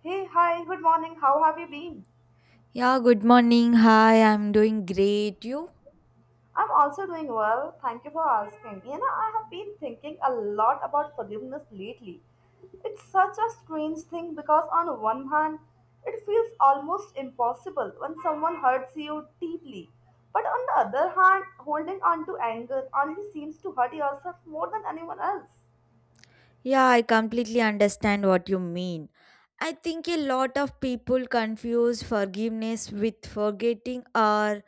Hey, hi, good morning. How have you been? Yeah, good morning. Hi, I'm doing great. You? I'm also doing well. Thank you for asking. You know, I have been thinking a lot about forgiveness lately. It's such a strange thing because, on one hand, it feels almost impossible when someone hurts you deeply. But on the other hand, holding on to anger only seems to hurt yourself more than anyone else. Yeah, I completely understand what you mean. I think a lot of people confuse forgiveness with forgetting or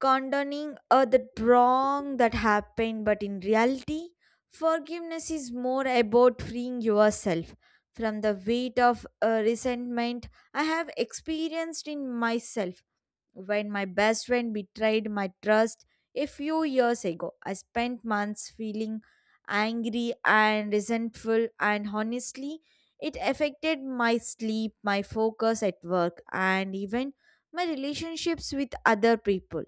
condoning the wrong that happened, but in reality forgiveness is more about freeing yourself from the weight of resentment. I have experienced in myself when my best friend betrayed my trust a few years ago. I spent months feeling angry and resentful, and honestly it affected my sleep, my focus at work, and even my relationships with other people.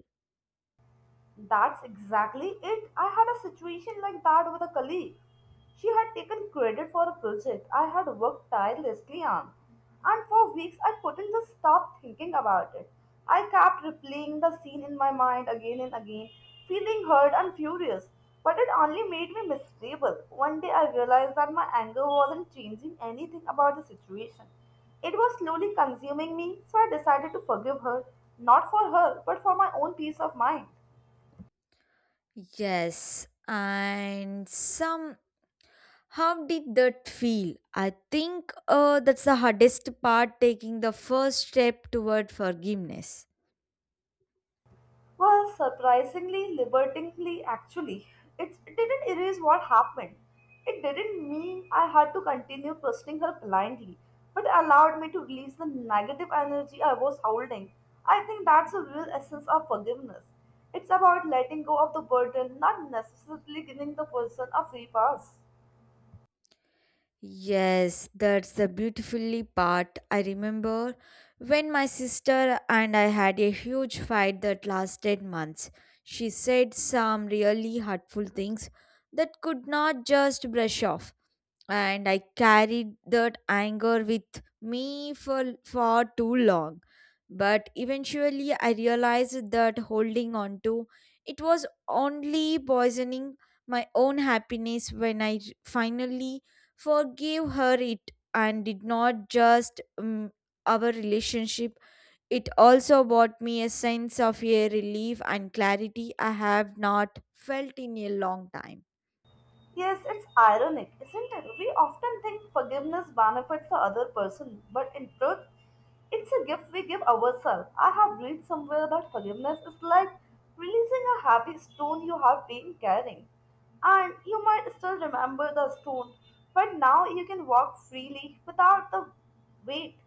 That's exactly it. I had a situation like that with a colleague. She had taken credit for a project I had worked tirelessly on, and for weeks I couldn't just stop thinking about it. I kept replaying the scene in my mind again and again, feeling hurt and furious, but it only made me miserable. One day I realized that my anger wasn't changing anything about the situation. It was slowly consuming me, so I decided to forgive her, not for her, but for my own peace of mind. Yes, and some how did that feel? I think that's the hardest part, taking the first step toward forgiveness. Well, surprisingly, liberatingly, actually, it didn't erase what happened. It didn't mean I had to continue trusting her blindly, but it allowed me to release the negative energy I was holding. I think that's the real essence of forgiveness. It's about letting go of the burden, not necessarily giving the person a free pass. Yes, that's the beautifully part. I remember when my sister and I had a huge fight that lasted months. She said some really hurtful things that could not just brush off, and I carried that anger with me for far too long. But eventually, I realized that holding on to it was only poisoning my own happiness. When I finally forgave her it and did not just our relationship. It also brought me a sense of a relief and clarity I have not felt in a long time. Yes, it's ironic, isn't it? We often think forgiveness benefits the other person, but in truth, it's a gift we give ourselves. I have read somewhere that forgiveness is like releasing a heavy stone you have been carrying. And you might still remember the stone, but now you can walk freely without the weight.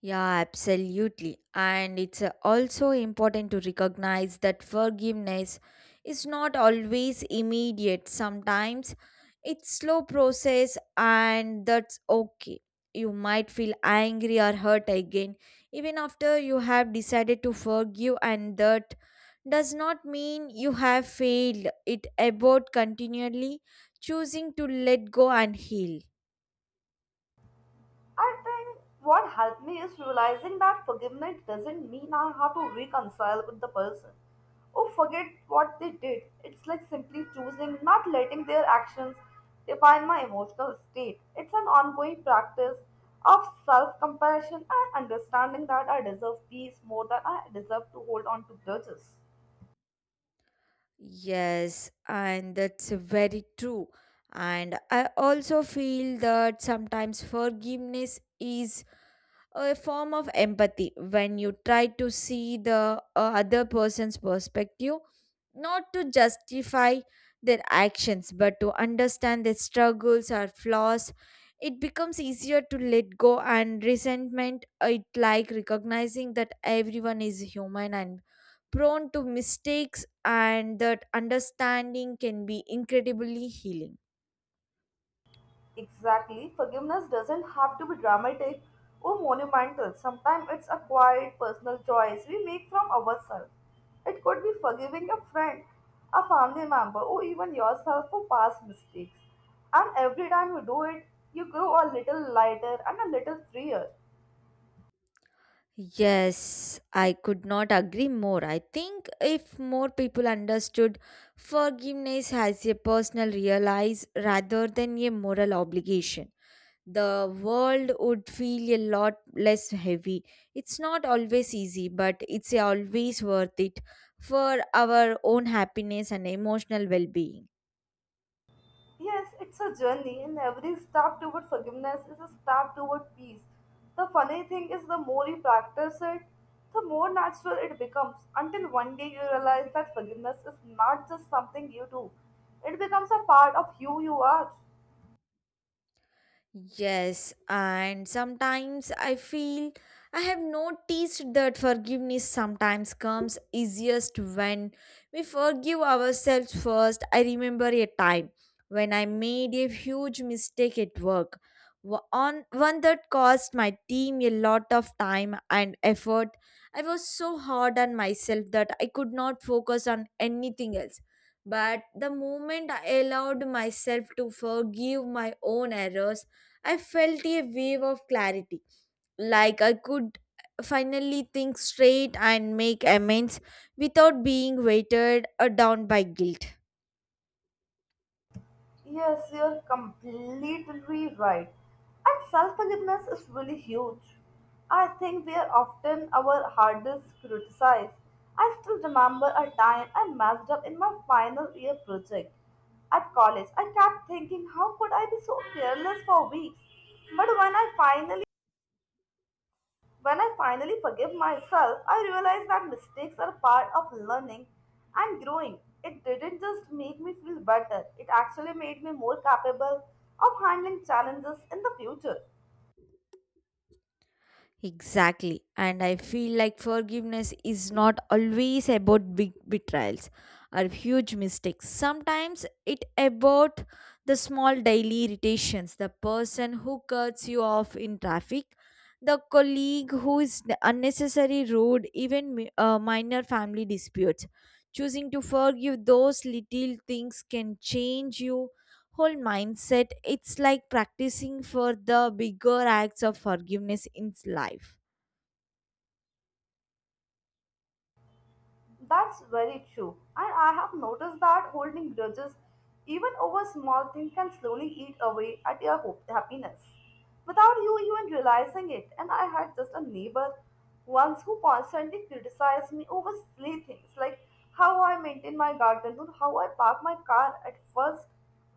Yeah, absolutely. And it's also important to recognize that forgiveness is not always immediate. Sometimes it's slow process, and that's okay. You might feel angry or hurt again even after you have decided to forgive, and that does not mean you have failed. It about continually choosing to let go and heal. I think what helped me is realizing that forgiveness doesn't mean I have to reconcile with the person or forget what they did. It's like simply choosing not letting their actions define my emotional state. It's an ongoing practice of self compassion and understanding that I deserve peace more than I deserve to hold on to grudges. Yes, and that's very true. And I also feel that sometimes forgiveness is a form of empathy, when you try to see the other person's perspective, not to justify their actions, but to understand their struggles or flaws. It becomes easier to let go and resentment. It like recognizing that everyone is human and prone to mistakes, and that understanding can be incredibly healing. Exactly. Forgiveness doesn't have to be dramatic or monumental. Sometimes it's a quiet personal choice we make from ourselves. It could be forgiving a friend, a family member, or even yourself for past mistakes. And every time you do it, you grow a little lighter and a little freer. Yes, I could not agree more. I think if more people understood forgiveness as a personal realize rather than a moral obligation, the world would feel a lot less heavy. It's not always easy, but it's always worth it for our own happiness and emotional well being. Yes, it's a journey, and every step toward forgiveness is a step toward peace. The funny thing is, the more you practice it, the more natural it becomes until one day you realize that forgiveness is not just something you do, it becomes a part of who you are. Yes, and sometimes I feel I have noticed that forgiveness sometimes comes easiest when we forgive ourselves first. I remember a time when I made a huge mistake at work, on one that cost my team a lot of time and effort. I was so hard on myself that I could not focus on anything else. But the moment I allowed myself to forgive my own errors, I felt a wave of clarity, like I could finally think straight and make amends without being weighted down by guilt. Yes, you're completely right. And self forgiveness is really huge. I think we are often our hardest criticized. I still remember a time I messed up in my final year project at college. I kept thinking, how could I be so careless for weeks? But when I finally forgive myself, I realize that mistakes are part of learning and growing. It didn't just make me feel better, it actually made me more capable of handling challenges in the future. Exactly. And I feel like forgiveness is not always about big betrayals or huge mistakes. Sometimes it about the small daily irritations, the person who cuts you off in traffic, the colleague who is unnecessary rude, even minor family disputes. Choosing to forgive those little things can change you whole mindset. It's like practicing for the bigger acts of forgiveness in life. That's very true. And I have noticed that holding grudges, even over small things, can slowly eat away at your hope, happiness without you even realizing it. And I had just a neighbor once who constantly criticized me over silly things like how I maintain my garden or how I park my car. At first,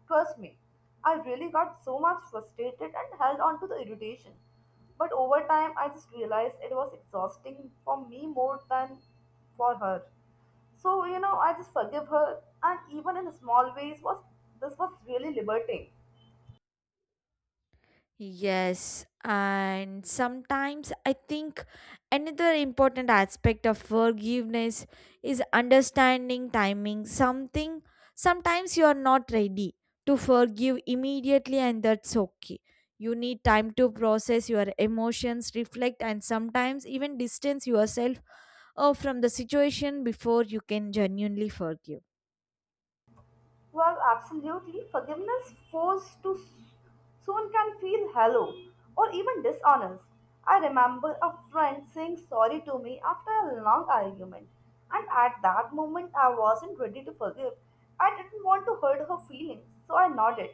trust me, I really got so much frustrated and held on to the irritation. But over time, I just realized it was exhausting for me more than for her. So, you know, I just forgive her, and even in small ways, was this was really liberating. Yes, and sometimes I think another important aspect of forgiveness is understanding timing. Something sometimes you are not ready to forgive immediately, and that's okay. You need time to process your emotions, reflect, and sometimes even distance yourself from the situation before you can genuinely forgive. Well, absolutely. Forgiveness forced to soon can feel hollow or even dishonest. I remember a friend saying sorry to me after a long argument, and at that moment I wasn't ready to forgive. I didn't want to hurt her feelings, so I nodded.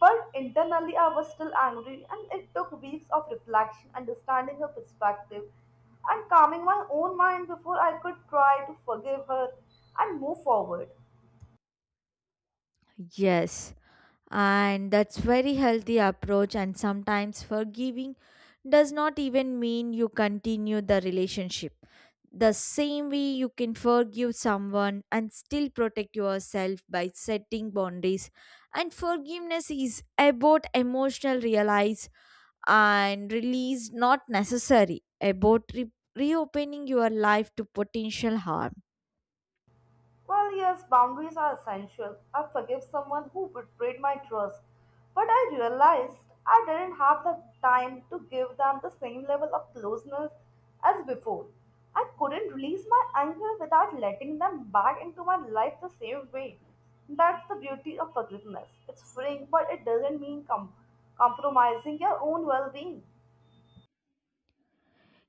But internally, I was still angry, and it took weeks of reflection, understanding her perspective, and calming my own mind before I could try to forgive her and move forward. Yes, and that's very healthy approach, and sometimes forgiving does not even mean you continue the relationship. The same way, you can forgive someone and still protect yourself by setting boundaries. And forgiveness is about emotional realize and release, not necessary about reopening your life to potential harm. Well, yes, boundaries are essential. I forgive someone who betrayed my trust, but I realized I didn't have the time to give them the same level of closeness as before. I couldn't release my anger without letting them back into my life the same way. That's the beauty of forgiveness. It's freeing, but it doesn't mean compromising your own well being.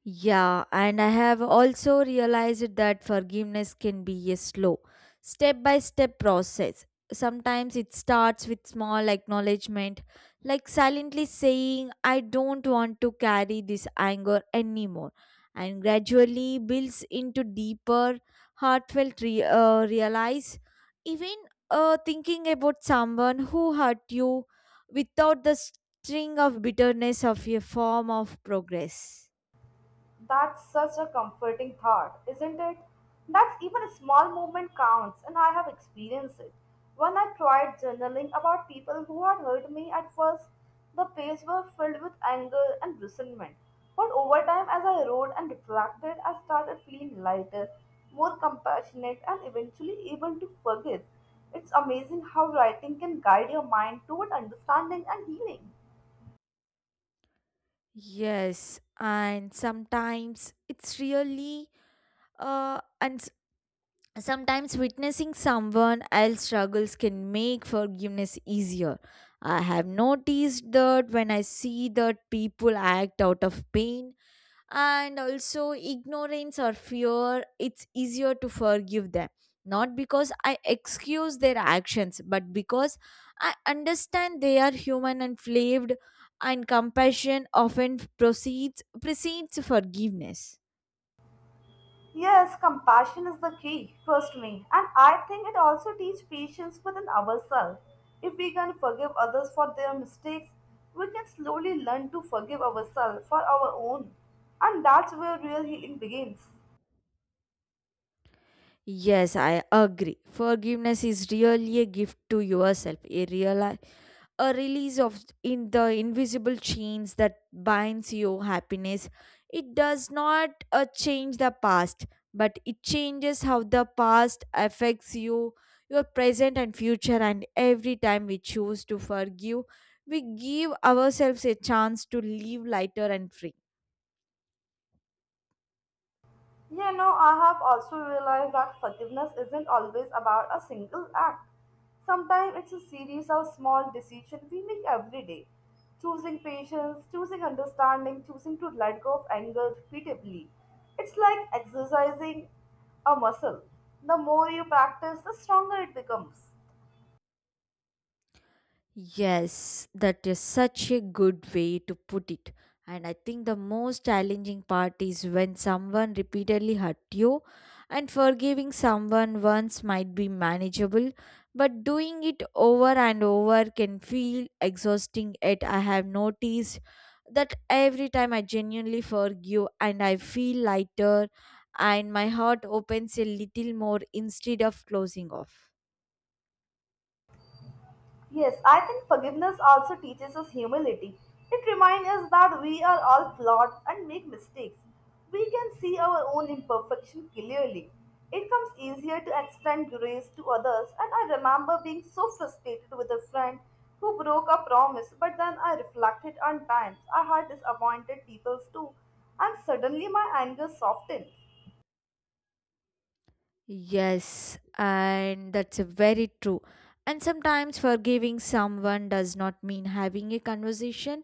Yeah, and I have also realized that forgiveness can be a slow, step by step process. Sometimes it starts with small acknowledgement, like silently saying, I don't want to carry this anger anymore, and gradually builds into deeper, heartfelt realize. Even thinking about someone who hurt you without the string of bitterness of a form of progress. That's such a comforting thought, isn't it? That even a small movement counts, and I have experienced it. When I tried journaling about people who had hurt me at first, the pages were filled with anger and resentment. But over time, as I wrote and reflected, I started feeling lighter, more compassionate, and eventually able to forgive. It's amazing how writing can guide your mind toward understanding and healing. Yes, and sometimes it's really uh and s- sometimes witnessing someone else's struggles can make forgiveness easier. I have noticed that when I see that people act out of pain, and also ignorance or fear, it's easier to forgive them, not because I excuse their actions, but because I understand they are human and flawed, and compassion often proceeds precedes forgiveness. Yes, compassion is the key, trust me. And I think it also teaches patience within ourselves. If we can forgive others for their mistakes, we can slowly learn to forgive ourselves for our own. And that's where real healing begins. Yes, I agree. Forgiveness is really a gift to yourself, a real a release of in the invisible chains that binds your happiness. It does not change the past, but it changes how the past affects you, your present and future. And every time we choose to forgive, we give ourselves a chance to live lighter and free. Sus restos fueron You know, sepultados en I have also el realized that Cementerio forgiveness Nacional isn't always about de a single Arlington. act. Sometimes it's a series of small decisions we make every day. Choosing patience, choosing understanding, choosing to let go of anger repeatedly. It's like exercising a muscle. The more you practice, the stronger it becomes. Yes, that is such a good way to put it. And I think the most challenging part is when someone repeatedly hurt you, and forgiving someone once might be manageable, but doing it over and over can feel exhausting. Yet, I have noticed that every time I genuinely forgive and I feel lighter, and my heart opens a little more instead of closing off. Yes, I think forgiveness also teaches us humility. It reminds us that we are all flawed and make mistakes. We can see our own imperfection clearly. It comes easier to extend grace to others, and I remember being so frustrated with a friend who broke a promise, but then I reflected on times I had disappointed people too, and suddenly my anger softened. Yes, and that's very true. And sometimes forgiving someone does not mean having a conversation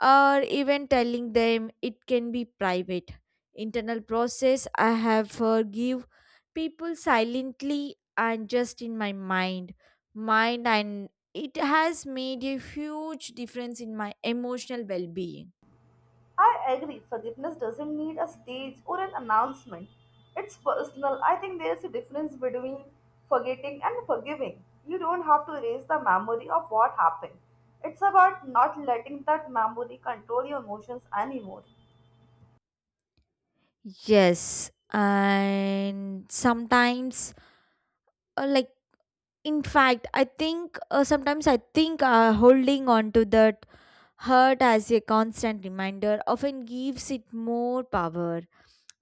or even telling them. It can be private. Internal process, I have forgive people silently and just in my mind. Mind, and it has made a huge difference in my emotional well being. I agree, forgiveness doesn't need a stage or an announcement. It's personal. I think there's a difference between forgetting and forgiving. You don't have to erase the memory of what happened. It's about not letting that memory control your emotions anymore. Yes, and sometimes uh, like In fact, I think sometimes I think holding on to that hurt as a constant reminder often gives it more power,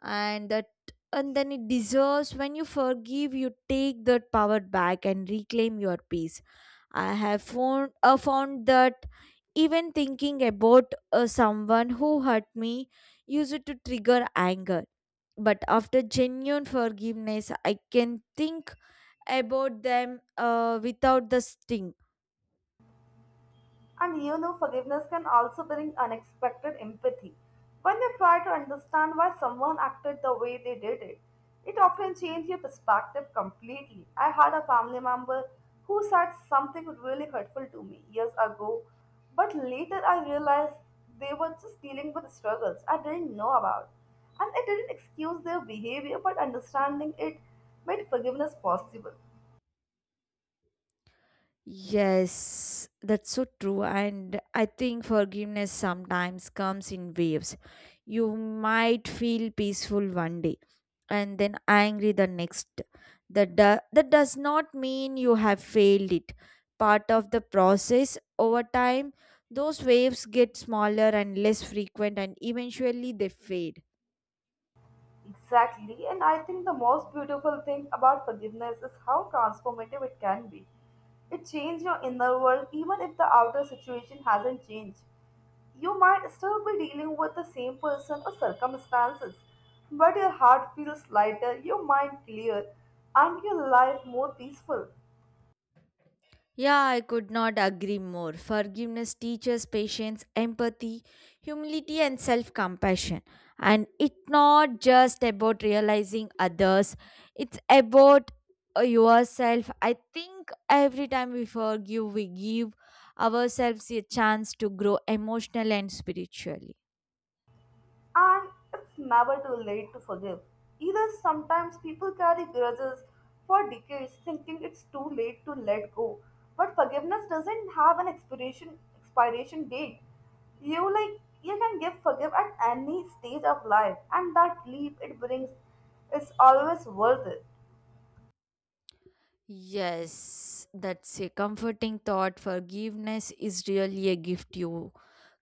and that and then it deserves. When you forgive, you take that power back and reclaim your peace. I have found that even thinking about someone who hurt me used to trigger anger. But after genuine forgiveness, I can think about them without the sting. And you know, forgiveness can also bring unexpected empathy. When you try to understand why someone acted the way they did it, it often changes your perspective completely. I had a family member who said something really hurtful to me years ago, but later I realized they were just dealing with struggles I didn't know about. And I didn't excuse their behavior, but understanding it made forgiveness possible. Yes, that's so true. And I think forgiveness sometimes comes in waves. You might feel peaceful one day and then angry the next. That does not mean you have failed it. Part of the process over time, those waves get smaller and less frequent, and eventually they fade. Exactly, and I think the most beautiful thing about forgiveness is how transformative it can be. It changes your inner world even if the outer situation hasn't changed. You might still be dealing with the same person or circumstances, but your heart feels lighter, your mind clear, and your life more peaceful. Yeah, I could not agree more. Forgiveness teaches patience, empathy, humility, and self compassion. And it's not just about realizing others, it's about yourself. I think every time we forgive, we give ourselves a chance to grow emotionally and spiritually. And it's never too late to forgive. Either sometimes people carry grudges for decades thinking it's too late to let go. But forgiveness doesn't have an expiration date. You like you can give forgive at any stage of life and that leap it brings is always worth it. Yes, that's a comforting thought. Forgiveness is really a gift you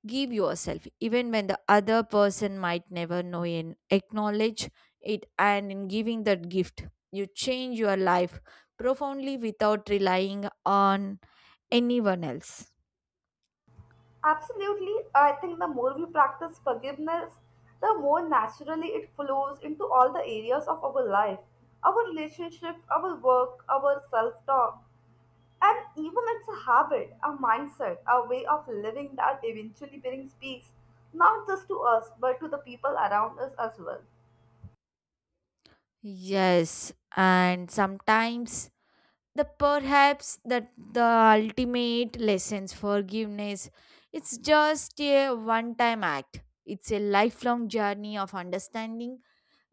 give yourself, even when the other person might never know and acknowledge it. And in giving that gift, you change your life profoundly without relying on anyone else. Absolutely. I think the more we practice forgiveness, the more naturally it flows into all the areas of our life our relationship, our work, our self talk. And even it's a habit, a mindset, a way of living that eventually brings peace, not just to us, but to the people around us as well. Yes, and sometimes the perhaps that the ultimate lessons forgiveness, it's just a one time act. It's a lifelong journey of understanding,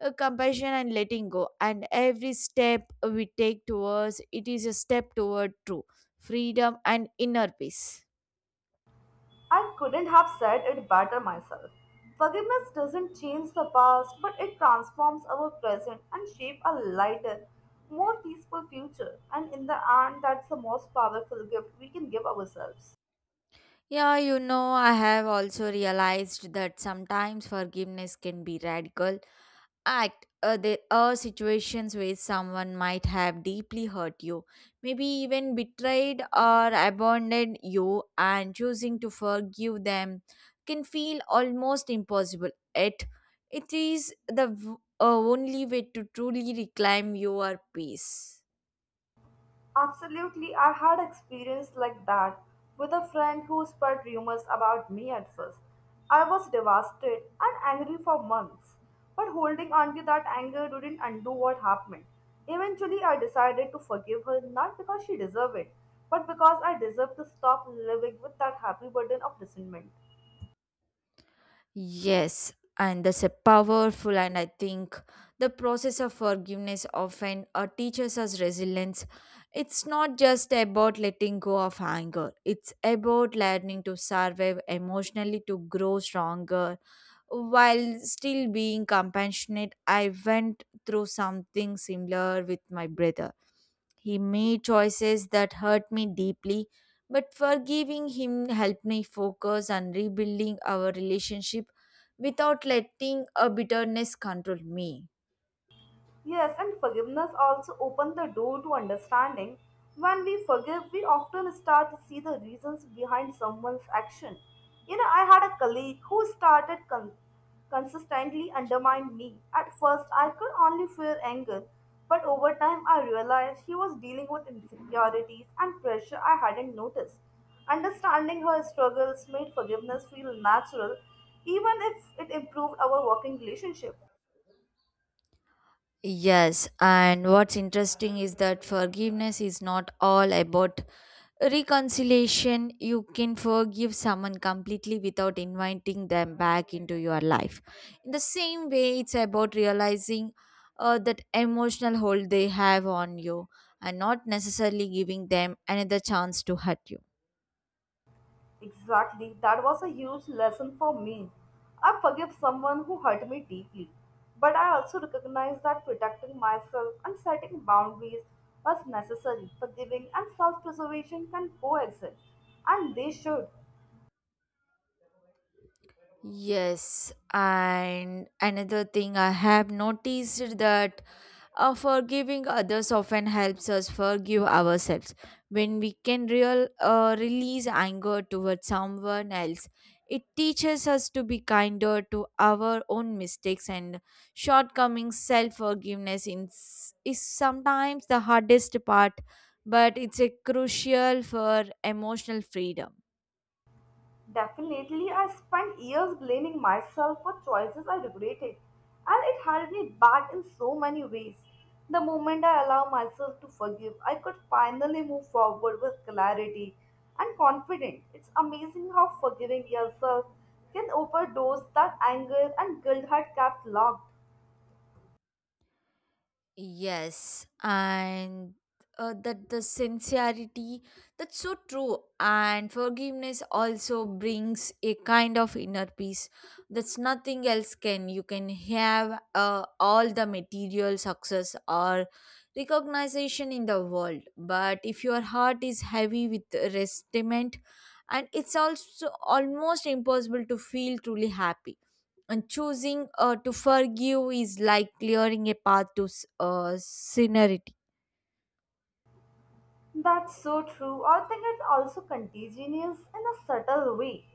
compassion and letting go, and every step we take towards it is a step toward true freedom and inner peace. I couldn't have said it better myself. Forgiveness doesn't change the past, but it transforms our present and shapes a lighter, more peaceful future. And in the end, that's the most powerful gift we can give ourselves. Yeah, you know, I have also realized that sometimes forgiveness can be radical act. There are situations where someone might have deeply hurt you, maybe even betrayed or abandoned you, and choosing to forgive them can feel almost impossible. It is the only way to truly reclaim your peace. Absolutely, I had experience like that with a friend who spread rumors about me at first. I was devastated and angry for months, but holding on to that anger didn't undo what happened. Eventually, I decided to forgive her not because she deserved it, but because I deserved to stop living with that happy burden of resentment. Yes, and that's a powerful, and I think the process of forgiveness often teaches us resilience. It's not just about letting go of anger, it's about learning to survive emotionally, to grow stronger while still being compassionate. I went through something similar with my brother. He made choices that hurt me deeply, but forgiving him helped me focus on rebuilding our relationship without letting a bitterness control me. Yes, and forgiveness also opens the door to understanding. When we forgive, we often start to see the reasons behind someone's action. You know, I had a colleague who started consistently undermining me. At first, I could only feel anger, but over time, I realized she was dealing with insecurities and pressure I hadn't noticed. Understanding her struggles made forgiveness feel natural, even if it improved our working relationship. Yes, and what's interesting is that forgiveness is not all about reconciliation. You can forgive someone completely without inviting them back into your life. In the same way, it's about realizing that emotional hold they have on you, and not necessarily giving them another chance to hurt you. Exactly, that was a huge lesson for me. I forgive someone who hurt me deeply, but I also recognize that protecting myself and setting boundaries was necessary. Forgiving and self preservation can coexist, and they should. Yes, and another thing I have noticed that forgiving others often helps us forgive ourselves. When we can real release anger towards someone else, it teaches us to be kinder to our own mistakes and shortcomings. Self forgiveness is sometimes the hardest part, but it's a crucial for emotional freedom. Definitely, I spent years blaming myself for choices I regretted, and it held me back in so many ways. The moment I allowed myself to forgive, I could finally move forward with clarity and confidence. It's amazing how forgiving yourself can open doors that anger and guilt had kept locked. Yes, and that the sincerity that's so true, and forgiveness also brings a kind of inner peace that's nothing else can. You can have all the material success or recognition in the world, but if your heart is heavy with resentment, and it's also almost impossible to feel truly happy, and choosing to forgive is like clearing a path to sincerity. That's so true. I think it's also contagious in a subtle way.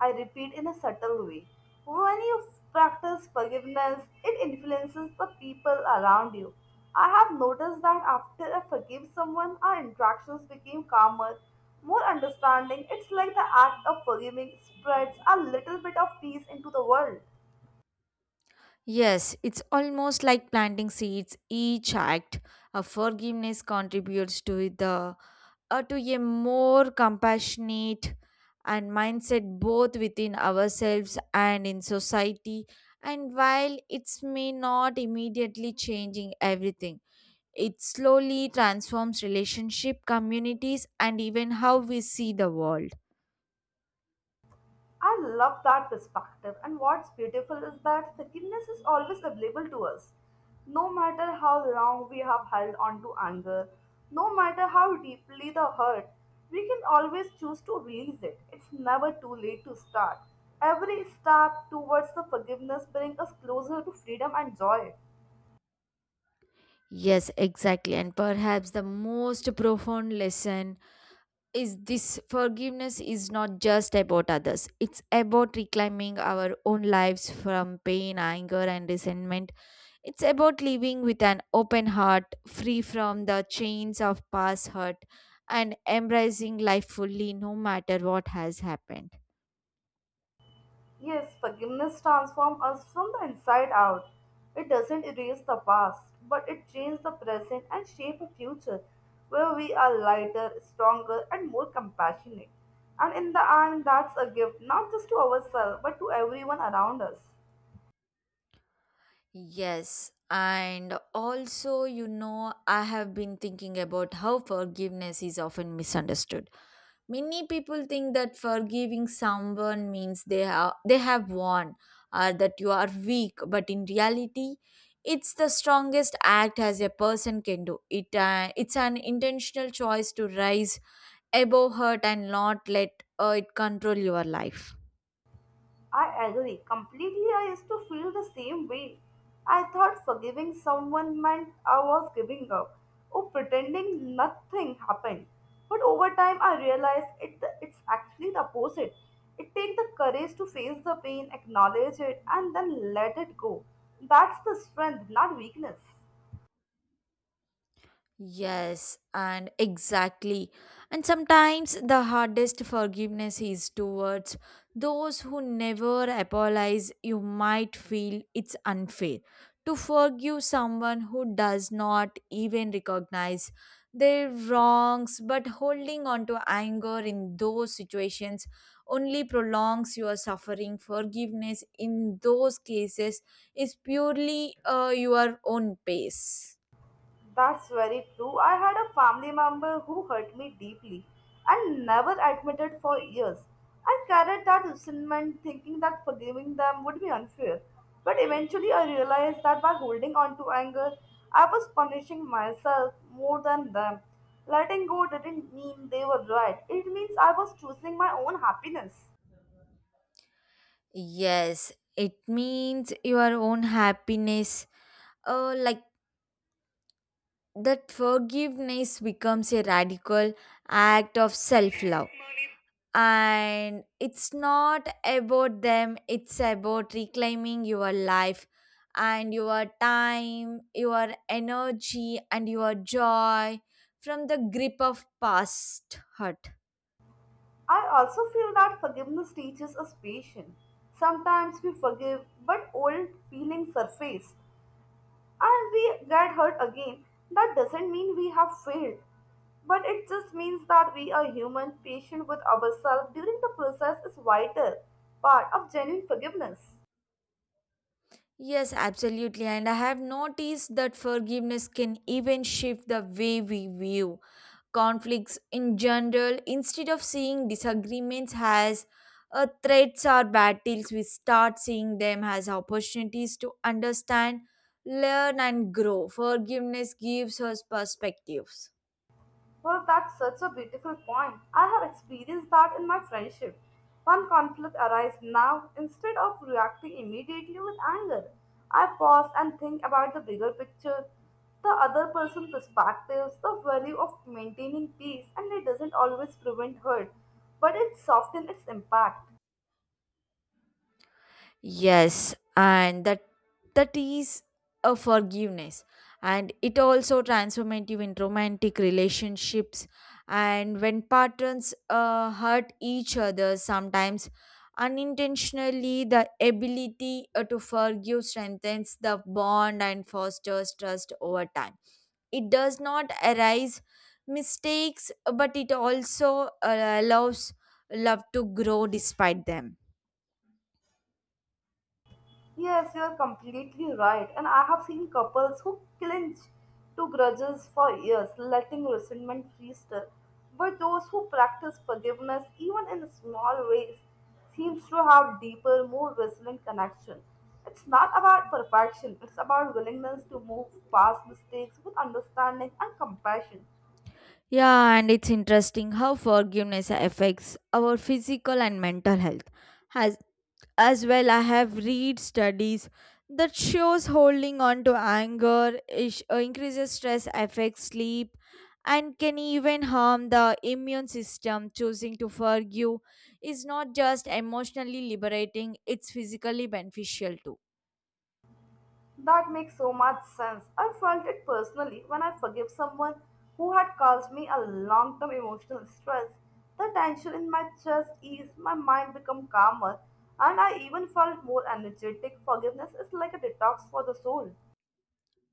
I repeat, in a subtle way. When you practice forgiveness, it influences the people around you. I have noticed that after I forgive someone, our interactions became calmer, more understanding. It's like the act of forgiving spreads a little bit of peace into the world. Yes, it's almost like planting seeds. Each act of forgiveness contributes to the to a more compassionate and mindset, both within ourselves and in society. And while it's may not immediately changing everything, it slowly transforms relationship, communities, and even how we see the world. I love that perspective, and what's beautiful is that forgiveness is always available to us. No matter how long we have held on to anger, no matter how deeply the hurt, we can always choose to release it. It's never too late to start. Every step towards the forgiveness brings us closer to freedom and joy. Yes, exactly. And perhaps the most profound lesson is this forgiveness is not just about others, it's about reclaiming our own lives from pain, anger, and resentment. It's about living with an open heart, free from the chains of past hurt, and embracing life fully no matter what has happened. Yes, forgiveness transforms us from the inside out. It doesn't erase the past, but it changes the present and shapes a future where we are lighter, stronger, and more compassionate. And in the end, that's a gift not just to ourselves but to everyone around us. Yes, and also, you know, I have been thinking about how forgiveness is often misunderstood. Many people think that forgiving someone means they have won or that you are weak, but in reality, it's the strongest act as a person can do. It's an intentional choice to rise above hurt and not let it control your life. I agree completely. I used to feel the same way. I thought forgiving someone meant I was giving up or pretending nothing happened. But over time, I realized it's actually the opposite. It takes the courage to face the pain, acknowledge it, and then let it go. That's the strength, not weakness. Yes, and exactly. And sometimes the hardest forgiveness is towards those who never apologize. You might feel it's unfair to forgive someone who does not even recognize their wrongs, but holding on to anger in those situations only prolongs your suffering. Forgiveness in those cases is purely your own pace. That's very true. I had a family member who hurt me deeply and never admitted for years. I carried that resentment thinking that forgiving them would be unfair. But eventually I realized that by holding on to anger, I was punishing myself more than them. Letting go didn't mean they were right, it means I was choosing my own happiness. Yes, it means your own happiness. Like that forgiveness becomes a radical act of self love. And it's not about them, it's about reclaiming your life and your time, your energy, and your joy from the grip of past hurt. I also feel that forgiveness teaches us patience. Sometimes we forgive, but old feelings surface and we get hurt again, that doesn't mean we have failed. But it just means that we are human, patient with ourselves during the process is vital part of genuine forgiveness. Yes, absolutely. And I have noticed that forgiveness can even shift the way we view conflicts in general instead of seeing disagreements as threats or battles we start seeing them as opportunities to understand learn and grow forgiveness gives us perspectives. Well, that's such a beautiful point. I have experienced that in my friendship. One conflict arises now, instead of reacting immediately with anger, I pause and think about the bigger picture, the other person's perspectives, the value of maintaining peace, and it doesn't always prevent hurt, but it softens its impact. Yes, and that that is a forgiveness, and it also transformative in romantic relationships, and when partners hurt each other sometimes unintentionally, the ability to forgive strengthens the bond and fosters trust over time. It does not arise mistakes, but it also allows love to grow despite them. Yes, you're completely right. And I have seen couples who clinch to grudges for years, letting resentment fester. But those who practice forgiveness, even in small ways, seems to have deeper, more resilient connection. It's not about perfection, it's about willingness to move past mistakes with understanding and compassion. Yeah, and it's interesting how forgiveness affects our physical and mental health. As, as well, I have read studies that shows holding on to anger is, increases stress, affects sleep, and can even harm the immune system. Choosing to forgive is not just emotionally liberating; it's physically beneficial too. That makes so much sense. I felt it personally when I forgave someone who had caused me a long term emotional stress. The tension in my chest eased, my mind became calmer, and I even felt more energetic. Forgiveness is like a detox for the soul.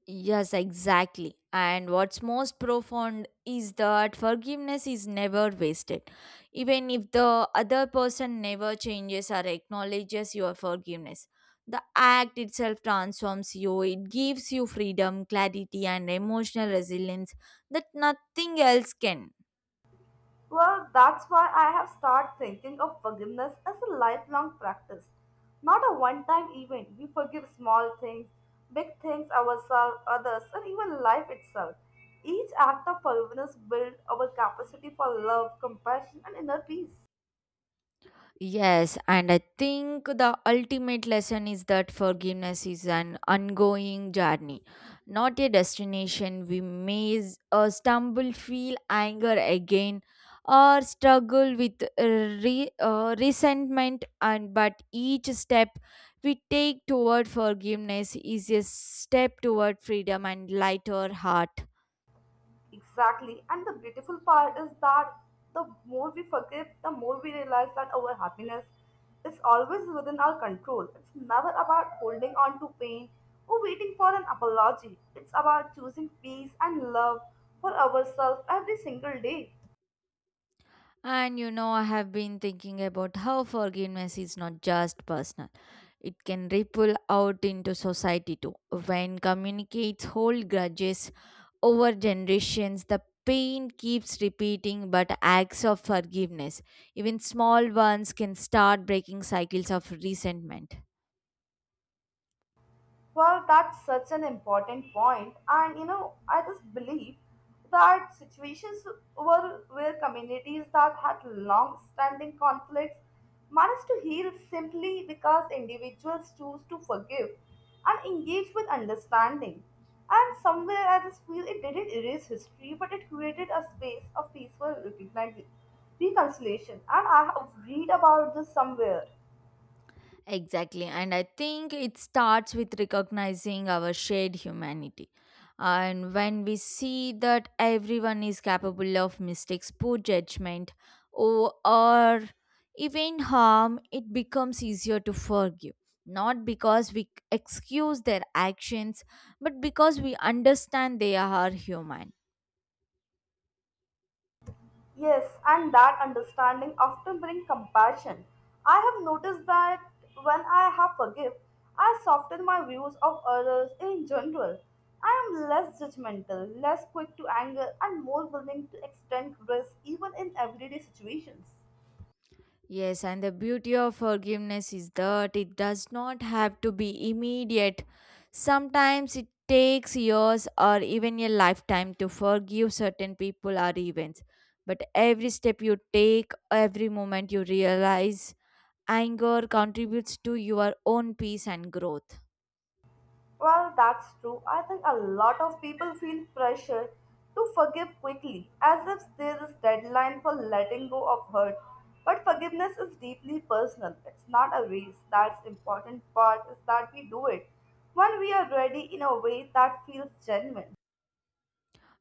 Yes, exactly. And what's most profound is that forgiveness is never wasted. Even if the other person never changes or acknowledges your forgiveness, the act itself transforms you. It gives you freedom, clarity, and emotional resilience that nothing else can. Well, that's why I have started thinking of forgiveness as a lifelong practice, not a one time event. We forgive small things, big things, ourselves, others, and even life itself. Each act of forgiveness builds our capacity for love, compassion, and inner peace. Yes, and I think the ultimate lesson is that forgiveness is an ongoing journey, not a destination. We may stumble, feel anger again, or struggle with resentment, and but each step we take toward forgiveness is a step toward freedom and lighter heart. Exactly. And the beautiful part is that the more we forgive, the more we realize that our happiness is always within our control. It's never about holding on to pain or waiting for an apology. It's about choosing peace and love for ourselves every single day. And you know, I have been thinking about how forgiveness is not just personal. It can ripple out into society too. When communicates hold grudges over generations, the pain keeps repeating, but acts of forgiveness, even small ones, can start breaking cycles of resentment. Well, that's such an important point, and you know, I just believe that situations were where communities that had long-standing conflicts managed to heal simply because individuals choose to forgive and engage with understanding. And somewhere, I just feel it didn't erase history, but it created a space of peaceful reconciliation. And I have read about this somewhere. Exactly. And I think it starts with recognizing our shared humanity. And when we see that everyone is capable of mistakes, poor judgment, or even harm, it becomes easier to forgive. Not because we excuse their actions, but because we understand they are human. Yes, and that understanding often brings compassion. I have noticed that when I have forgive, I soften my views of others in general. I am less judgmental, less quick to anger, and more willing to extend grace even in everyday situations. Yes, and the beauty of forgiveness is that it does not have to be immediate. Sometimes it takes years or even a lifetime to forgive certain people or events. But every step you take, every moment you realize anger contributes to your own peace and growth. Well, that's true. I think a lot of people feel pressure to forgive quickly, as if there is deadline for letting go of hurt. But forgiveness is deeply personal. It's not a race. That's important part is that we do it when we are ready in a way that feels genuine.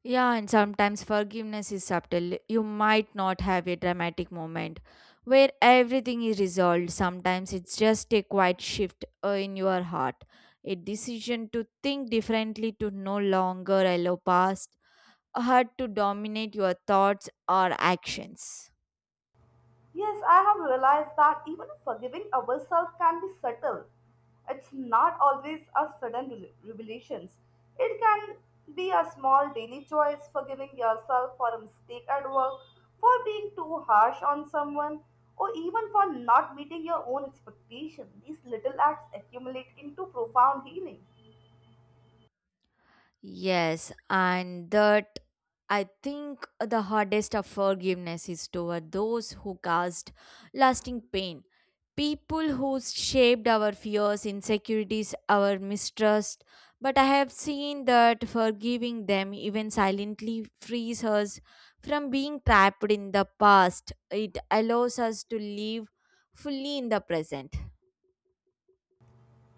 Yeah, and sometimes forgiveness is subtle. You might not have a dramatic moment where everything is resolved. Sometimes it's just a quiet shift in your heart, a decision to think differently, to no longer allow past hurt to dominate your thoughts or actions. Yes, I have realized that even forgiving ourselves can be subtle. It's not always a sudden revelations. It can be a small daily choice, forgiving yourself for a mistake at work, for being too harsh on someone, or even for not meeting your own expectation. These little acts accumulate into profound healing. Yes, and that I think the hardest of forgiveness is toward those who caused lasting pain. People who shaped our fears, insecurities, our mistrust. But I have seen that forgiving them, even silently, frees us from being trapped in the past. It allows us to live fully in the present.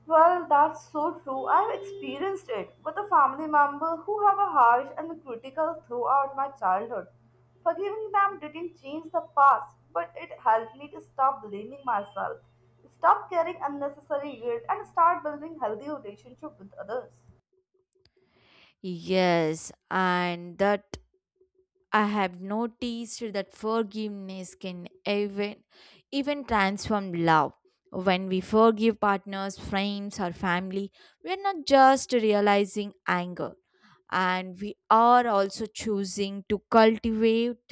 Well, that's so true. I've experienced it with a family member who have a harsh and critical throughout my childhood. Forgiving them didn't change the past, but it helped me to stop blaming myself, stop carrying unnecessary guilt, and start building healthy relationship with others. Yes, and that I have noticed that forgiveness can even transform love. When we forgive partners, friends, or family, we are not just realizing anger, and we are also choosing to cultivate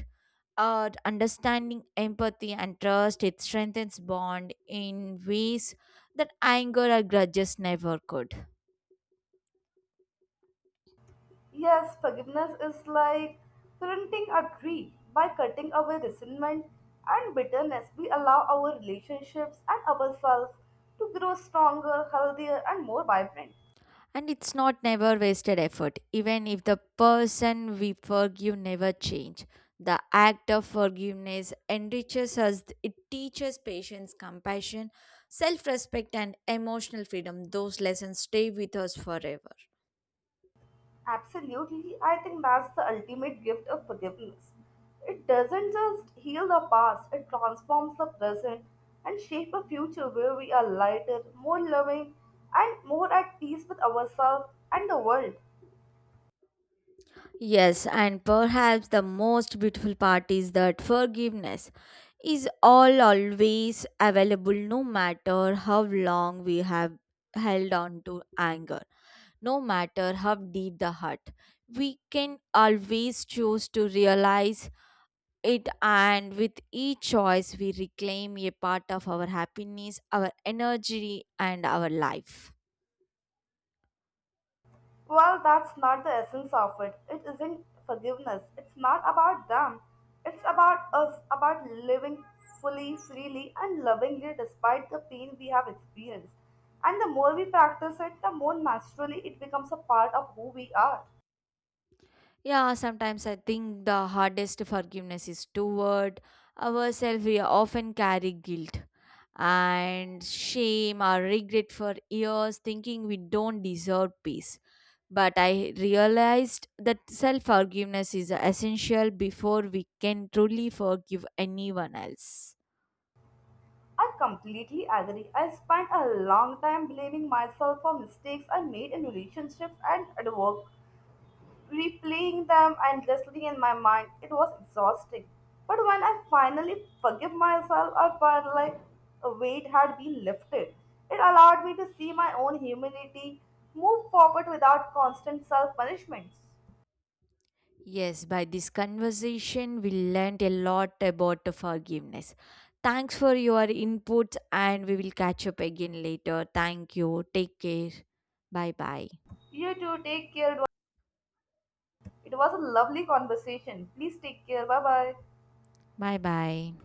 our understanding, empathy, and trust. It strengthens bond in ways that anger or grudges never could. Yes, forgiveness is like printing a tree. By cutting away resentment and bitterness, we allow our relationships and ourselves to grow stronger, healthier, and more vibrant. And it's not never wasted effort. Even if the person we forgive never change, the act of forgiveness enriches us. It teaches patience, compassion, self-respect and emotional freedom. Those lessons stay with us forever. Absolutely, I think that's the ultimate gift of forgiveness. It doesn't just heal the past, it transforms the present and shape a future where we are lighter, more loving, and more at peace with ourselves and the world. Yes, and perhaps the most beautiful part is that forgiveness is all always available no matter how long we have held on to anger no matter how deep the hurt. We can always choose to realize it, and with each choice, we reclaim a part of our happiness, our energy, and our life. Well, that's not the essence of it. It isn't forgiveness. It's not about them. It's about us, about living fully, freely, and lovingly despite the pain we have experienced. And the more we practice it, the more naturally it becomes a part of who we are. Yeah, sometimes I think the hardest forgiveness is toward ourselves. We often carry guilt and shame or regret for years, thinking we don't deserve peace. But I realized that self forgiveness is essential before we can truly forgive anyone else. I completely agree. I spent a long time blaming myself for mistakes I made in relationships and at work. Replaying them endlessly in my mind. It was exhausting. But when I finally forgive myself, I felt like a weight had been lifted. It allowed me to see my own humanity, move forward without constant self punishments. Yes, by this conversation, we learned a lot about forgiveness. Thanks for your inputs, and we will catch up again later. Thank you. Take care. Bye bye. You too, take care. It was a lovely conversation. Please take care. Bye bye. Bye bye.